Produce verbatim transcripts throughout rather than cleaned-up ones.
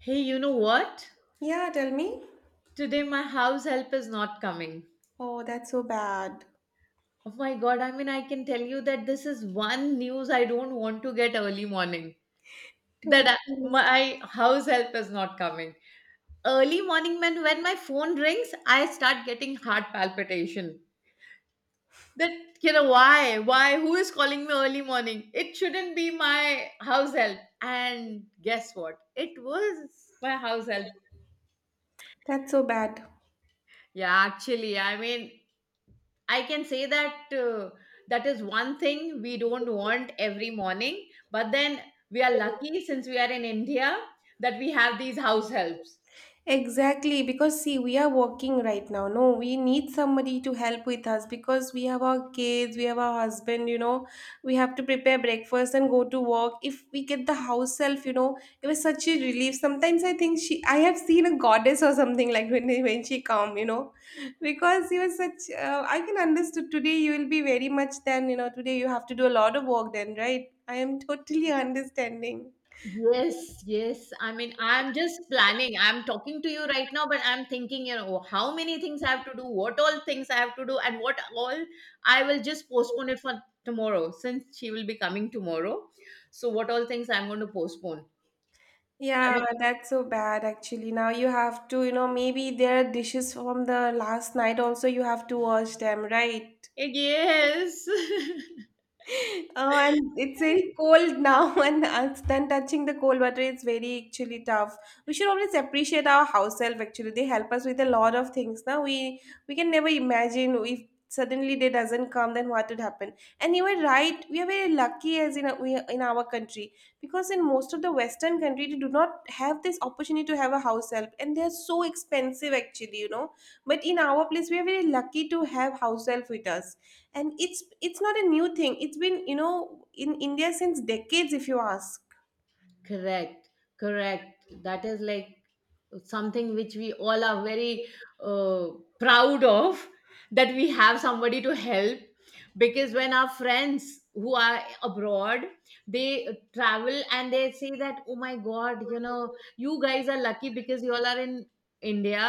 Hey, you know what? Yeah, tell me. Today my house help is not coming. Oh, that's so bad. Oh my god, I mean, I can tell you that this is one news I don't want to get early morning. That Totally I, missed. my house help is not coming. Early morning, when, when my phone rings, I start getting heart palpitation. That, you know, why? Why? Who is calling me early morning? It shouldn't be my house help. And guess what? It was my house help. That's so bad. Yeah, actually, I mean, I can say that uh, that is one thing we don't want every morning. But then we are lucky since we are in India that we have these house helps. Exactly, because see, we are working right now. No, we need somebody to help with us because we have our kids, we have our husband, you know, we have to prepare breakfast and go to work. If we get the house self, you know, it was such a relief. Sometimes I think she, I have seen a goddess or something like when when she come, you know, because you was such. Uh, I can understand today you will be very much then, you know, today you have to do a lot of work then, right? I am totally understanding. Yes, yes. I mean, I'm just planning. I'm talking to you right now, but I'm thinking, you know, how many things I have to do, what all things I have to do, and what all I will just postpone it for tomorrow since she will be coming tomorrow. So, what all things I'm going to postpone? I Yeah, that's so bad actually. Now you have to, you know, maybe there are dishes from the last night also you have to wash them, right? mean, yes. Oh, and it's very cold now, and us then touching the cold water is very actually tough. We should always appreciate our house help. Actually, they help us with a lot of things. Now we we can never imagine if suddenly they doesn't come, then what would happen? And you were right. We are very lucky as in we in our country because in most of the Western country they do not have this opportunity to have a house help, and they are so expensive actually, you know. But in our place, we are very lucky to have house help with us and it's it's not a new thing, it's been, you know, in India since decades if you ask. Correct, correct. That is like something which we all are very uh, proud of, that we have somebody to help. Because when our friends who are abroad, they travel and they say that, oh my god, you know, you guys are lucky because you all are in india.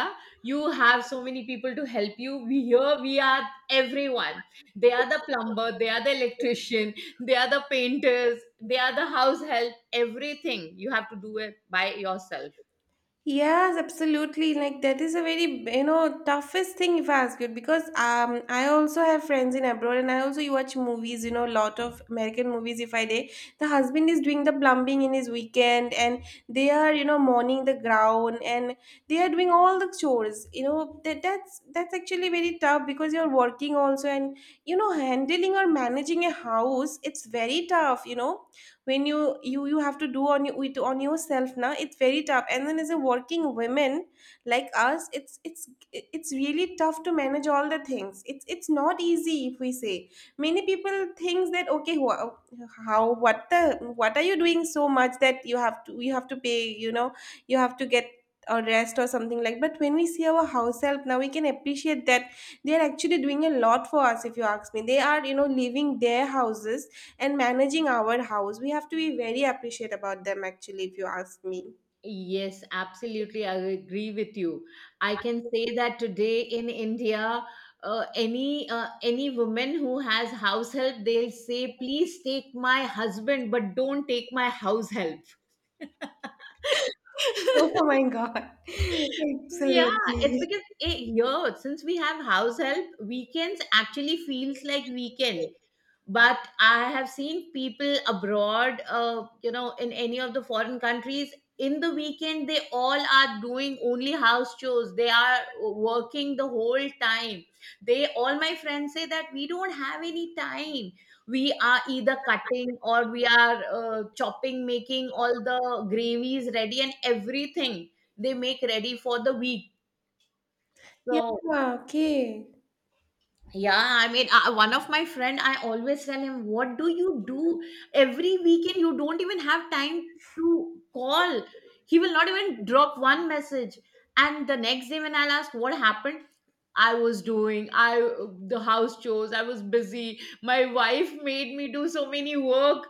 You have so many people to help you. We here, we are everyone. They are the plumber, they are the electrician, they are the painters, they are the house help. Everything you have to do it by yourself. Yes, absolutely. Like that is a very, you know, toughest thing if I ask you because um I also have friends in abroad and I also watch movies, you know, lot of American movies if I day. The husband is doing the plumbing in his weekend and they are, you know, mowing the ground and they are doing all the chores. You know, that that's that's actually very tough because you're working also and you know, handling or managing a house, it's very tough, you know when you you you have to do on you with on yourself now it's very tough and then as a working women like us it's it's it's really tough to manage all the things, it's it's not easy if we say many people thinks that okay wha- how what the what are you doing so much that you have to you have to pay, you know, you have to get a rest or something like, but when we see our house help now we can appreciate that they are actually doing a lot for us. If you ask me, they are, you know, leaving their houses and managing our house. We have to be very appreciate about them actually, if you ask me. Yes, absolutely. I agree with you. I can say that today in India, uh, any uh, any woman who has house help, they'll say, "Please take my husband, but don't take my house help." Oh my God. Yeah, it's Absolutely. because eh, here, since we have house help, weekends actually feels like weekend. But I have seen people abroad, uh, you know, in any of the foreign countries, in the weekend they all are doing only house chores. They are working the whole time. They all, my friends say that we don't have any time. We are either cutting or we are uh, chopping, making all the gravies ready and everything. They make ready for the week. Yeah, So okay. yeah, I mean, uh, one of my friend, I always tell him, "What do you do every weekend? You don't even have time to call." He will not even drop one message. And the next day, when I'll ask what happened, I was doing I the house chores. I was busy. My wife made me do so many work.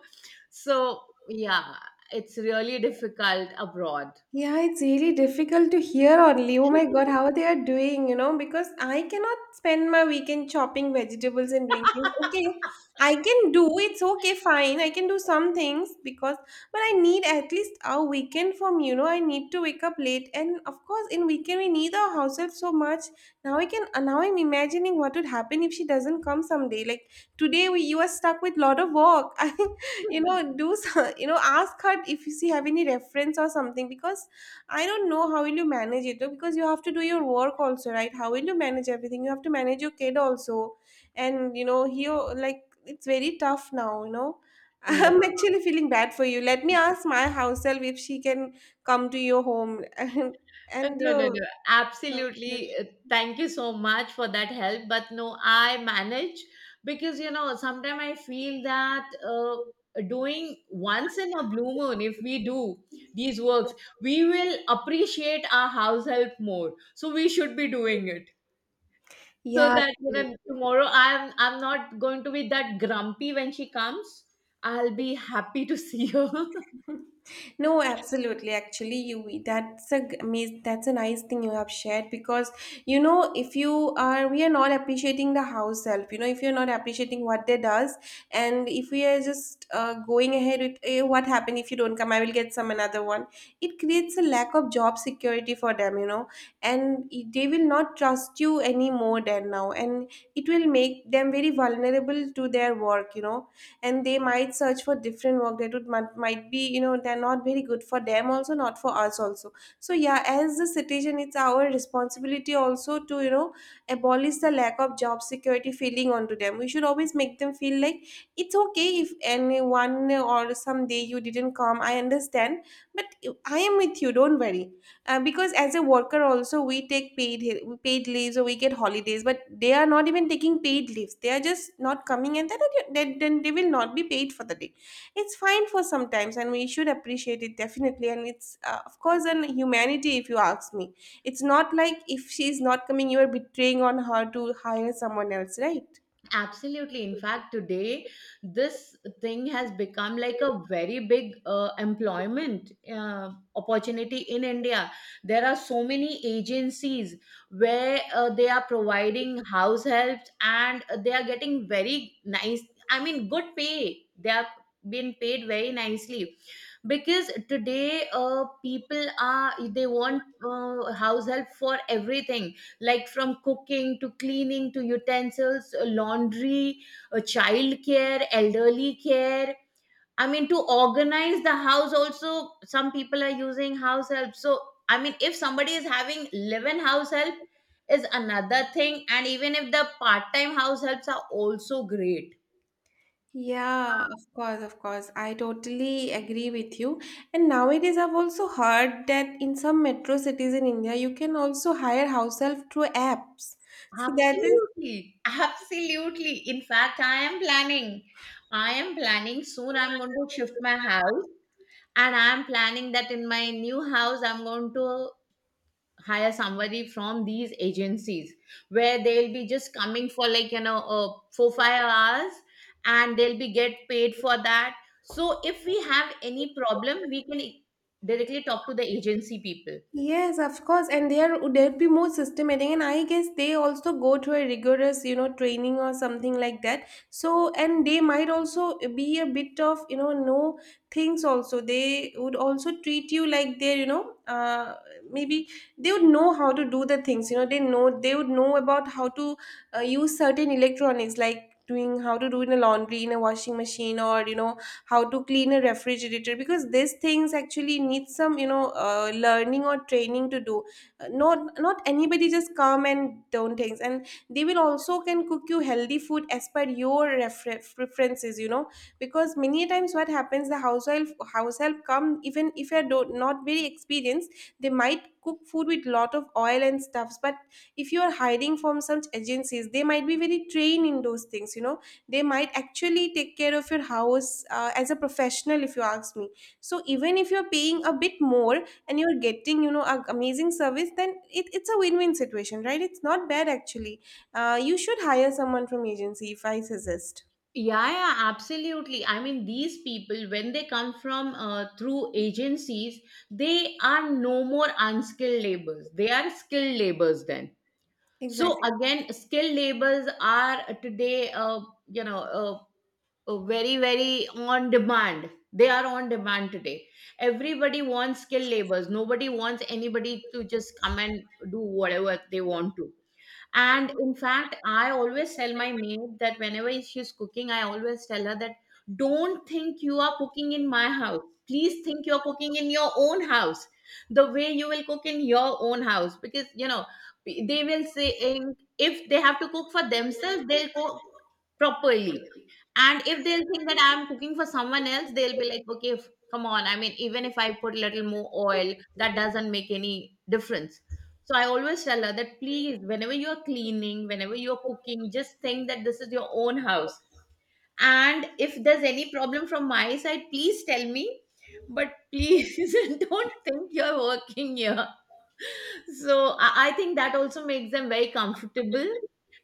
So yeah, it's really difficult abroad. Yeah, it's really difficult to hear only. Oh my God, how they are doing, you know, because I cannot spend my weekend chopping vegetables and doing things. Okay, I can do, it's okay, fine. I can do some things because, but I need at least a weekend from, you know, I need to wake up late. And of course, in weekend, we need our househelp so much. Now I can, uh, now I'm imagining what would happen if she doesn't come someday. Like today, we, you are stuck with lot of work. I you know do some, you know ask her if you see have any reference or something because I don't know how will you manage it though, because you have to do your work also, right? How will you manage everything? You have to manage your kid also and you know he o- like it's very tough now you know. Yeah. I'm actually feeling bad for you. Let me ask my house help if she can come to your home and Uh, and No, no, uh, no. Absolutely. Uh, Thank you so much for that help. But no, I manage because, you know, sometimes I feel that uh, doing once in a blue moon, if we do these works, we will appreciate our house help more. So we should be doing it so yeah that, you know, tomorrow I'm, I'm not going to be that grumpy when she comes. I'll be happy to see her. No, absolutely. Actually, you that's a g- amaz- that's a nice thing you have shared because you know if you are we are not appreciating the house help. You know if you're not appreciating what they does, and if we are just uh, going ahead with eh, what happened if you don't come, I will get some another one. It creates a lack of job security for them, you know, and it- they will not trust you anymore than now, and it will make them very vulnerable to their work. You know, and they might search for different work that would might, might be, you know, they're not very good for them also not for us also. So yeah, as the citizen it's our responsibility also to, you know, abolish the lack of job security feeling onto them. We should always make them feel like it's okay if anyone or someday you didn't come, I understand, but I am with you, don't worry. Uh, because as a worker also we take paid hi- paid leaves or we get holidays but they are not even taking paid leaves, they are just not coming and then, then, then they will not be paid for the day. It's fine for sometimes and we should appreciate it definitely and it's uh, of course an humanity if you ask me. It's not like if she's not coming you are betraying on her to hire someone else, right? Absolutely. In fact, today this thing has become like a very big uh, employment uh, opportunity in India. There are so many agencies where uh, they are providing house helps and they are getting very nice, I mean, good pay. They are being paid very nicely because today uh, people are they want uh, house help for everything, like from cooking to cleaning to utensils, uh, laundry, uh, child care, elderly care. I mean, to organize the house also, some people are using house help. So I mean, if somebody is having live-in house help is another thing, and even if the part-time house helps are also great. Yeah, of course, of course. I totally agree with you. And nowadays, I've also heard that in some metro cities in India, you can also hire house help through apps. So that is. Absolutely, absolutely. In fact, I am planning. I am planning soon. I'm going to shift my house, and I'm planning that in my new house, I'm going to hire somebody from these agencies where they'll be just coming for like, you know, uh, four five hours, and they'll be get paid for that. So if we have any problem, we can directly talk to the agency people. Yes, of course, and there there'd be more systematic, and I guess they also go through a rigorous, you know, training or something like that. So, and they might also be a bit of, you know, know things also. They would also treat you like they're, you know, uh, maybe they would know how to do the things. You know, they know they would know about how to uh, use certain electronics, like doing how to do in a laundry, in a washing machine, or you know, how to clean a refrigerator because these things actually need some you know uh, learning or training to do. Uh, not not anybody just come and do things and they will also can cook you healthy food as per your refer- preferences, you know, because many times what happens the household house help come even if you're do- not very experienced, they might cook food with lot of oil and stuffs. But if you are hiding from some agencies they might be very trained in those things, you know. They might actually take care of your house uh, as a professional if you ask me. So even if you're paying a bit more and you're getting, you know, a amazing service, then it, it's a win-win situation, right? It's not bad actually. Uh, you should hire someone from agency if I suggest. Yeah, yeah, absolutely. I mean, these people, when they come from uh, through agencies, they are no more unskilled laborers. They are skilled laborers then. So Exactly. again, skilled laborers are today, uh, you know, uh, uh, very, very on demand. They are on demand today. Everybody wants skilled laborers. Nobody wants anybody to just come and do whatever they want to. And in fact, I always tell my maid that whenever she's cooking, I always tell her that don't think you are cooking in my house. Please think you're cooking in your own house, the way you will cook in your own house. Because, you know, they will say, eh, if they have to cook for themselves, they'll cook properly. And if they'll think that I'm cooking for someone else, they'll be like, okay, f- come on. I mean, even if I put a little more oil, that doesn't make any difference. So I always tell her that please, whenever you're cleaning, whenever you're cooking, just think that this is your own house. And if there's any problem from my side, please tell me. But please don't think you're working here. So I, I think that also makes them very comfortable.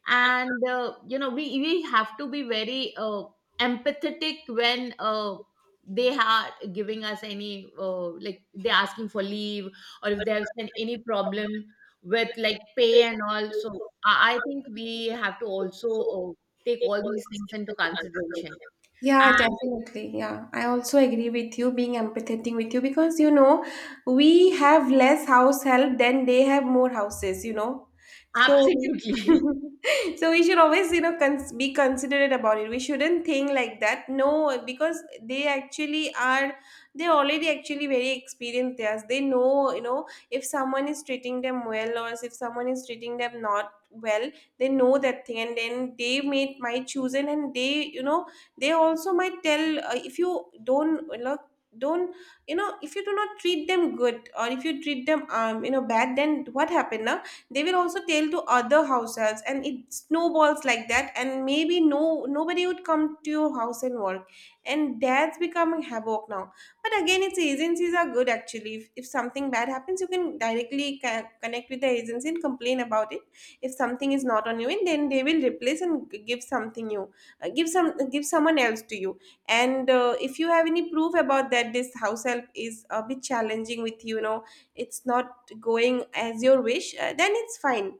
And uh, you know, we we have to be very uh, empathetic when uh, they are giving us any uh, like, they're asking for leave, or if they have been any problem with like pay and all. So i, I think we have to also uh, take all these things into consideration. Yeah, definitely. Yeah, I also agree with you being empathetic with you because you know we have less house help than they have more houses, you know. So, Absolutely. so we should always, you know, cons be considerate about it. We shouldn't think like that. No, because they actually are, they're already actually very experienced theirs. They know, you know, if someone is treating them well or if someone is treating them not well, they know that thing and then they may might choose it and they, you know, they also might tell uh, if you don't look don't, you know, if you do not treat them good or if you treat them um you know bad, then what happened now they will also tell to other house helps and it snowballs like that and maybe no nobody would come to your house and work and that's becoming havoc now. But again it's agencies are good actually. If, if something bad happens you can directly ca- connect with the agency and complain about it if something is not on you and then they will replace and g- give something new, uh, give some give someone else to you. And uh, if you have any proof about that this house help is a bit challenging with you, you know, it's not going as your wish, uh, then it's fine.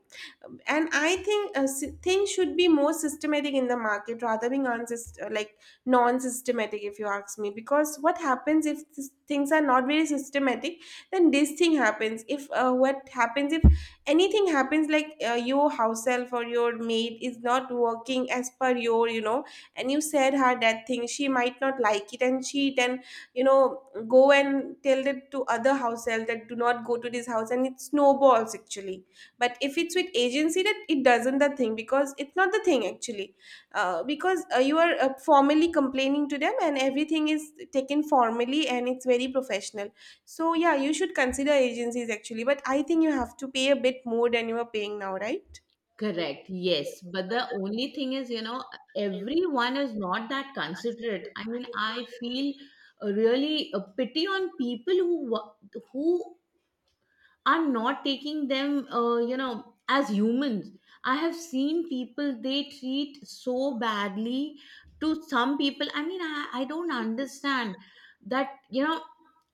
Um, and I think uh, s- things should be more systematic in the market rather than unsys- uh, like non-systematic if you ask me. Because what happens if this, things are not very systematic then this thing happens. If uh, what happens if anything happens like uh, your house help or your maid is not working as per your you know and you said her that thing, she might not like it and she then, you know, go and tell it to other house help that do not go to this house and it snowballs actually. But if it's with agency that it doesn't the thing because it's not the thing actually uh, Because uh, you are uh, formally complaining to them, and everything is taken formally and it's very professional. So yeah, you should consider agencies actually, but I think you have to pay a bit more than you are paying now, right? Correct. Yes. But the only thing is, you know, everyone is not that considerate. I mean, I feel uh, really a pity on people who wa- who are not taking them, uh, you know, as humans. I have seen people they treat so badly to some people. I mean, I, I don't understand that, you know,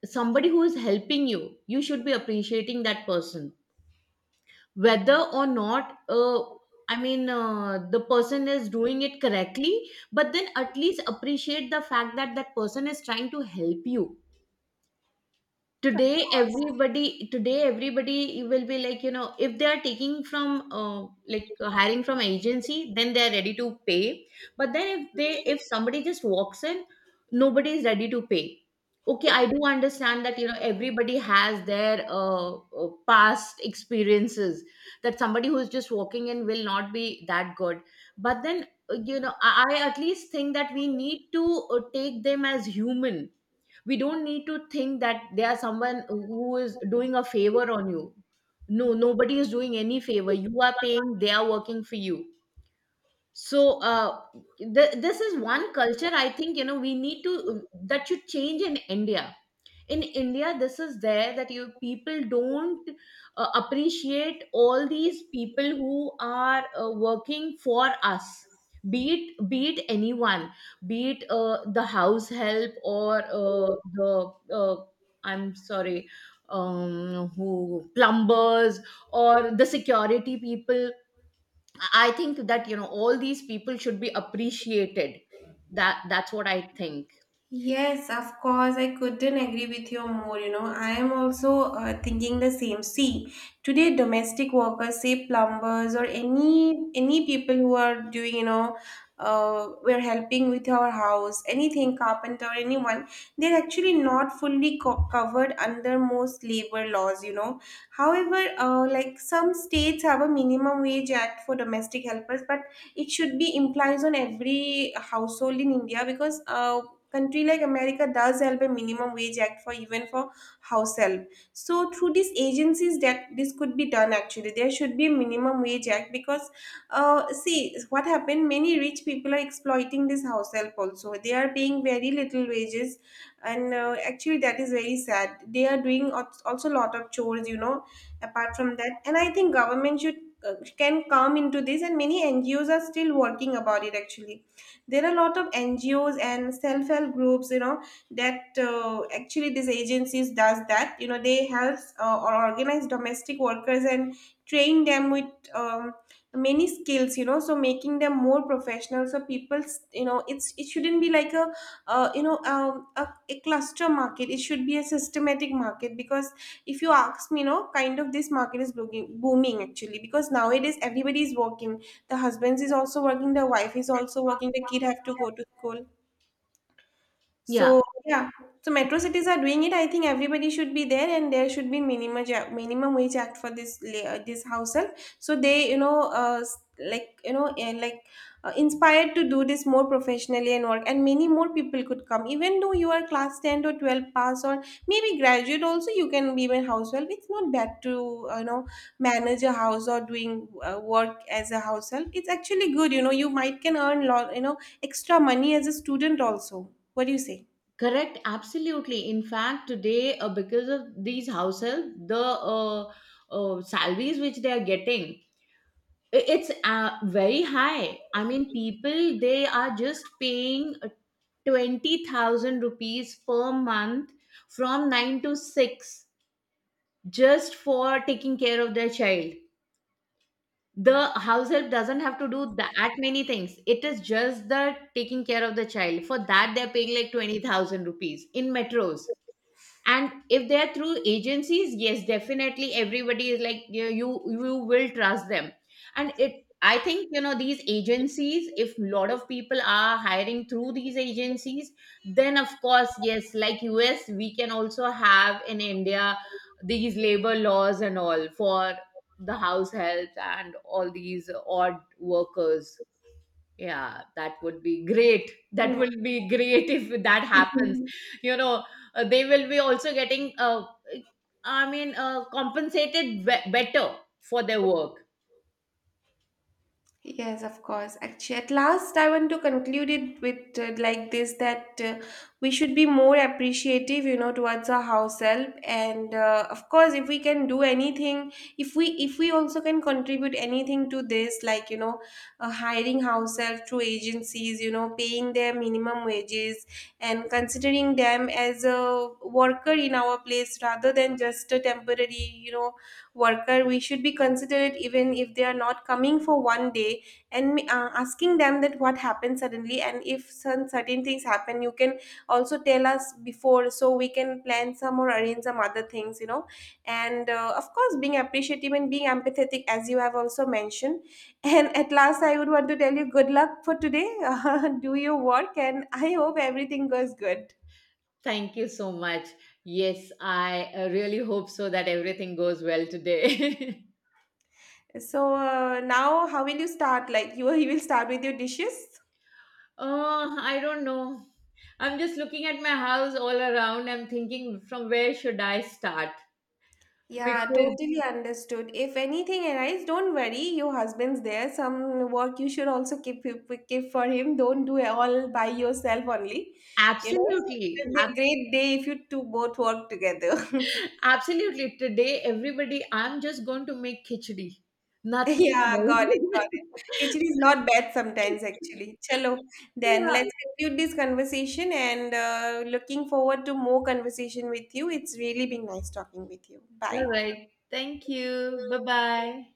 somebody who is helping you, you should be appreciating that person, whether or not uh, i mean uh, the person is doing it correctly. But then at least appreciate the fact that that person is trying to help you. Today everybody today everybody will be like, you know, if they are taking from uh, like uh, hiring from agency, then they are ready to pay. But then, if they if somebody just walks in, nobody is ready to pay. Okay, I do understand that, you know, everybody has their uh, uh, past experiences, that somebody who's just walking in will not be that good. But then, uh, you know, i, I at least think that we need to uh, take them as human. We don't need to think that there are someone who is doing a favor on you. No, nobody is doing any favor. You are paying, they are working for you. So uh, th- this is one culture, I think, you know, we need to, that should change in india. In india, this is there, that you people don't uh, appreciate all these people who are uh, working for us. Be it be it anyone, be it uh, the house help, or uh, the uh, I'm sorry, um who plumbers, or the security people. I think that, you know, all these people should be appreciated. That that's what I think. Yes, of course. I couldn't agree with you more. You know, I am also uh, thinking the same. See, today domestic workers, say plumbers or any any people who are doing, you know, uh, we're helping with our house, anything, carpenter, anyone, they're actually not fully co- covered under most labor laws. You know, however, uh, like some states have a minimum wage act for domestic helpers, but it should be implies on every household in India, because uh, country like America does help a minimum wage act for even for house help. So through these agencies that this could be done actually, there should be a minimum wage act, because uh, see what happened, many rich people are exploiting this house help, also they are paying very little wages. And uh, actually that is very sad, they are doing als- also a lot of chores, you know, apart from that. And I think government should uh, can come into this, and many NGOs are still working about it actually. There are a lot of NGOs and self-help groups, you know, that uh, actually these agencies does that, you know, they help uh, or organize domestic workers and train them with um, many skills, you know, so making them more professional, so people, you know, it's it shouldn't be like a uh, you know, um, a, a cluster market, it should be a systematic market, because if you ask me, you know, kind of this market is booming, booming actually, because nowadays everybody is working, the husband is also working, the wife is also working, the kid have to go to school. Yeah. So yeah, so metro cities are doing it. I think everybody should be there, and there should be minimum ja- minimum wage act for this la- uh, this household. So they, you know, uh, s- like you know, and like uh, inspired to do this more professionally and work, and many more people could come. Even though you are class ten or twelve pass or maybe graduate, also you can be a household. It's not bad to uh, you know manage a house or doing uh, work as a household. It's actually good. You know, you might can earn lot, you know, extra money as a student also. What do you say? Correct, absolutely. In fact, today, uh, because of these house help, the uh, uh, salaries which they are getting, i- it's uh, very high. I mean, people, they are just paying twenty thousand rupees per month from nine to six, just for taking care of their child. The house help doesn't have to do that many things. It is just the taking care of the child. For that, they're paying like twenty thousand rupees in metros. And if they're through agencies, yes, definitely, everybody is like, you you, you will trust them. And it I think, you know, these agencies, if lot of people are hiring through these agencies, then of course, yes, like us, we can also have in India these labor laws and all for the house help and all these odd workers. Yeah, that would be great. That Nice. will be great if that happens. Mhm. You know, uh, they will be also getting, uh, I mean, uh, compensated be- better for their work. Yes, of course. Actually, at last, I want to conclude it with uh, like this that uh, we should be more appreciative, you know, towards our house help. And uh, of course, if we can do anything, if we if we also can contribute anything to this, like you know, uh, hiring house help through agencies, you know, paying their minimum wages, and considering them as a worker in our place rather than just a temporary, you know, worker. We should be considerate even if they are not coming for one day, and uh, asking them that what happened suddenly, and if some certain things happen you can also tell us before, so we can plan some or arrange some other things, you know. And uh, of course being appreciative and being empathetic as you have also mentioned. And at last I would want to tell you good luck for today. Do your work and I hope everything goes good. Thank you so much. Yes, I uh, really hope so that everything goes well today. So uh, now how will you start, like you, you will start with your dishes? Oh, I don't know. I'm just looking at my house all around. I'm thinking, from where should I start? Because Yeah, totally understood. If anything arises, don't worry. Your husband's there. Some work you should also keep keep for him. Don't do it all by yourself only. You know, it Absolutely. would be a great day if you two both work together. Absolutely. Today, everybody, I'm just going to make khichdi. Nothing Yeah, got it, else. got it. Khichdi is not bad sometimes, actually. Chalo, then yeah. let's conclude this conversation and uh, looking forward to more conversation with you. It's really been nice talking with you. All Bye. right. Thank you. Bye bye.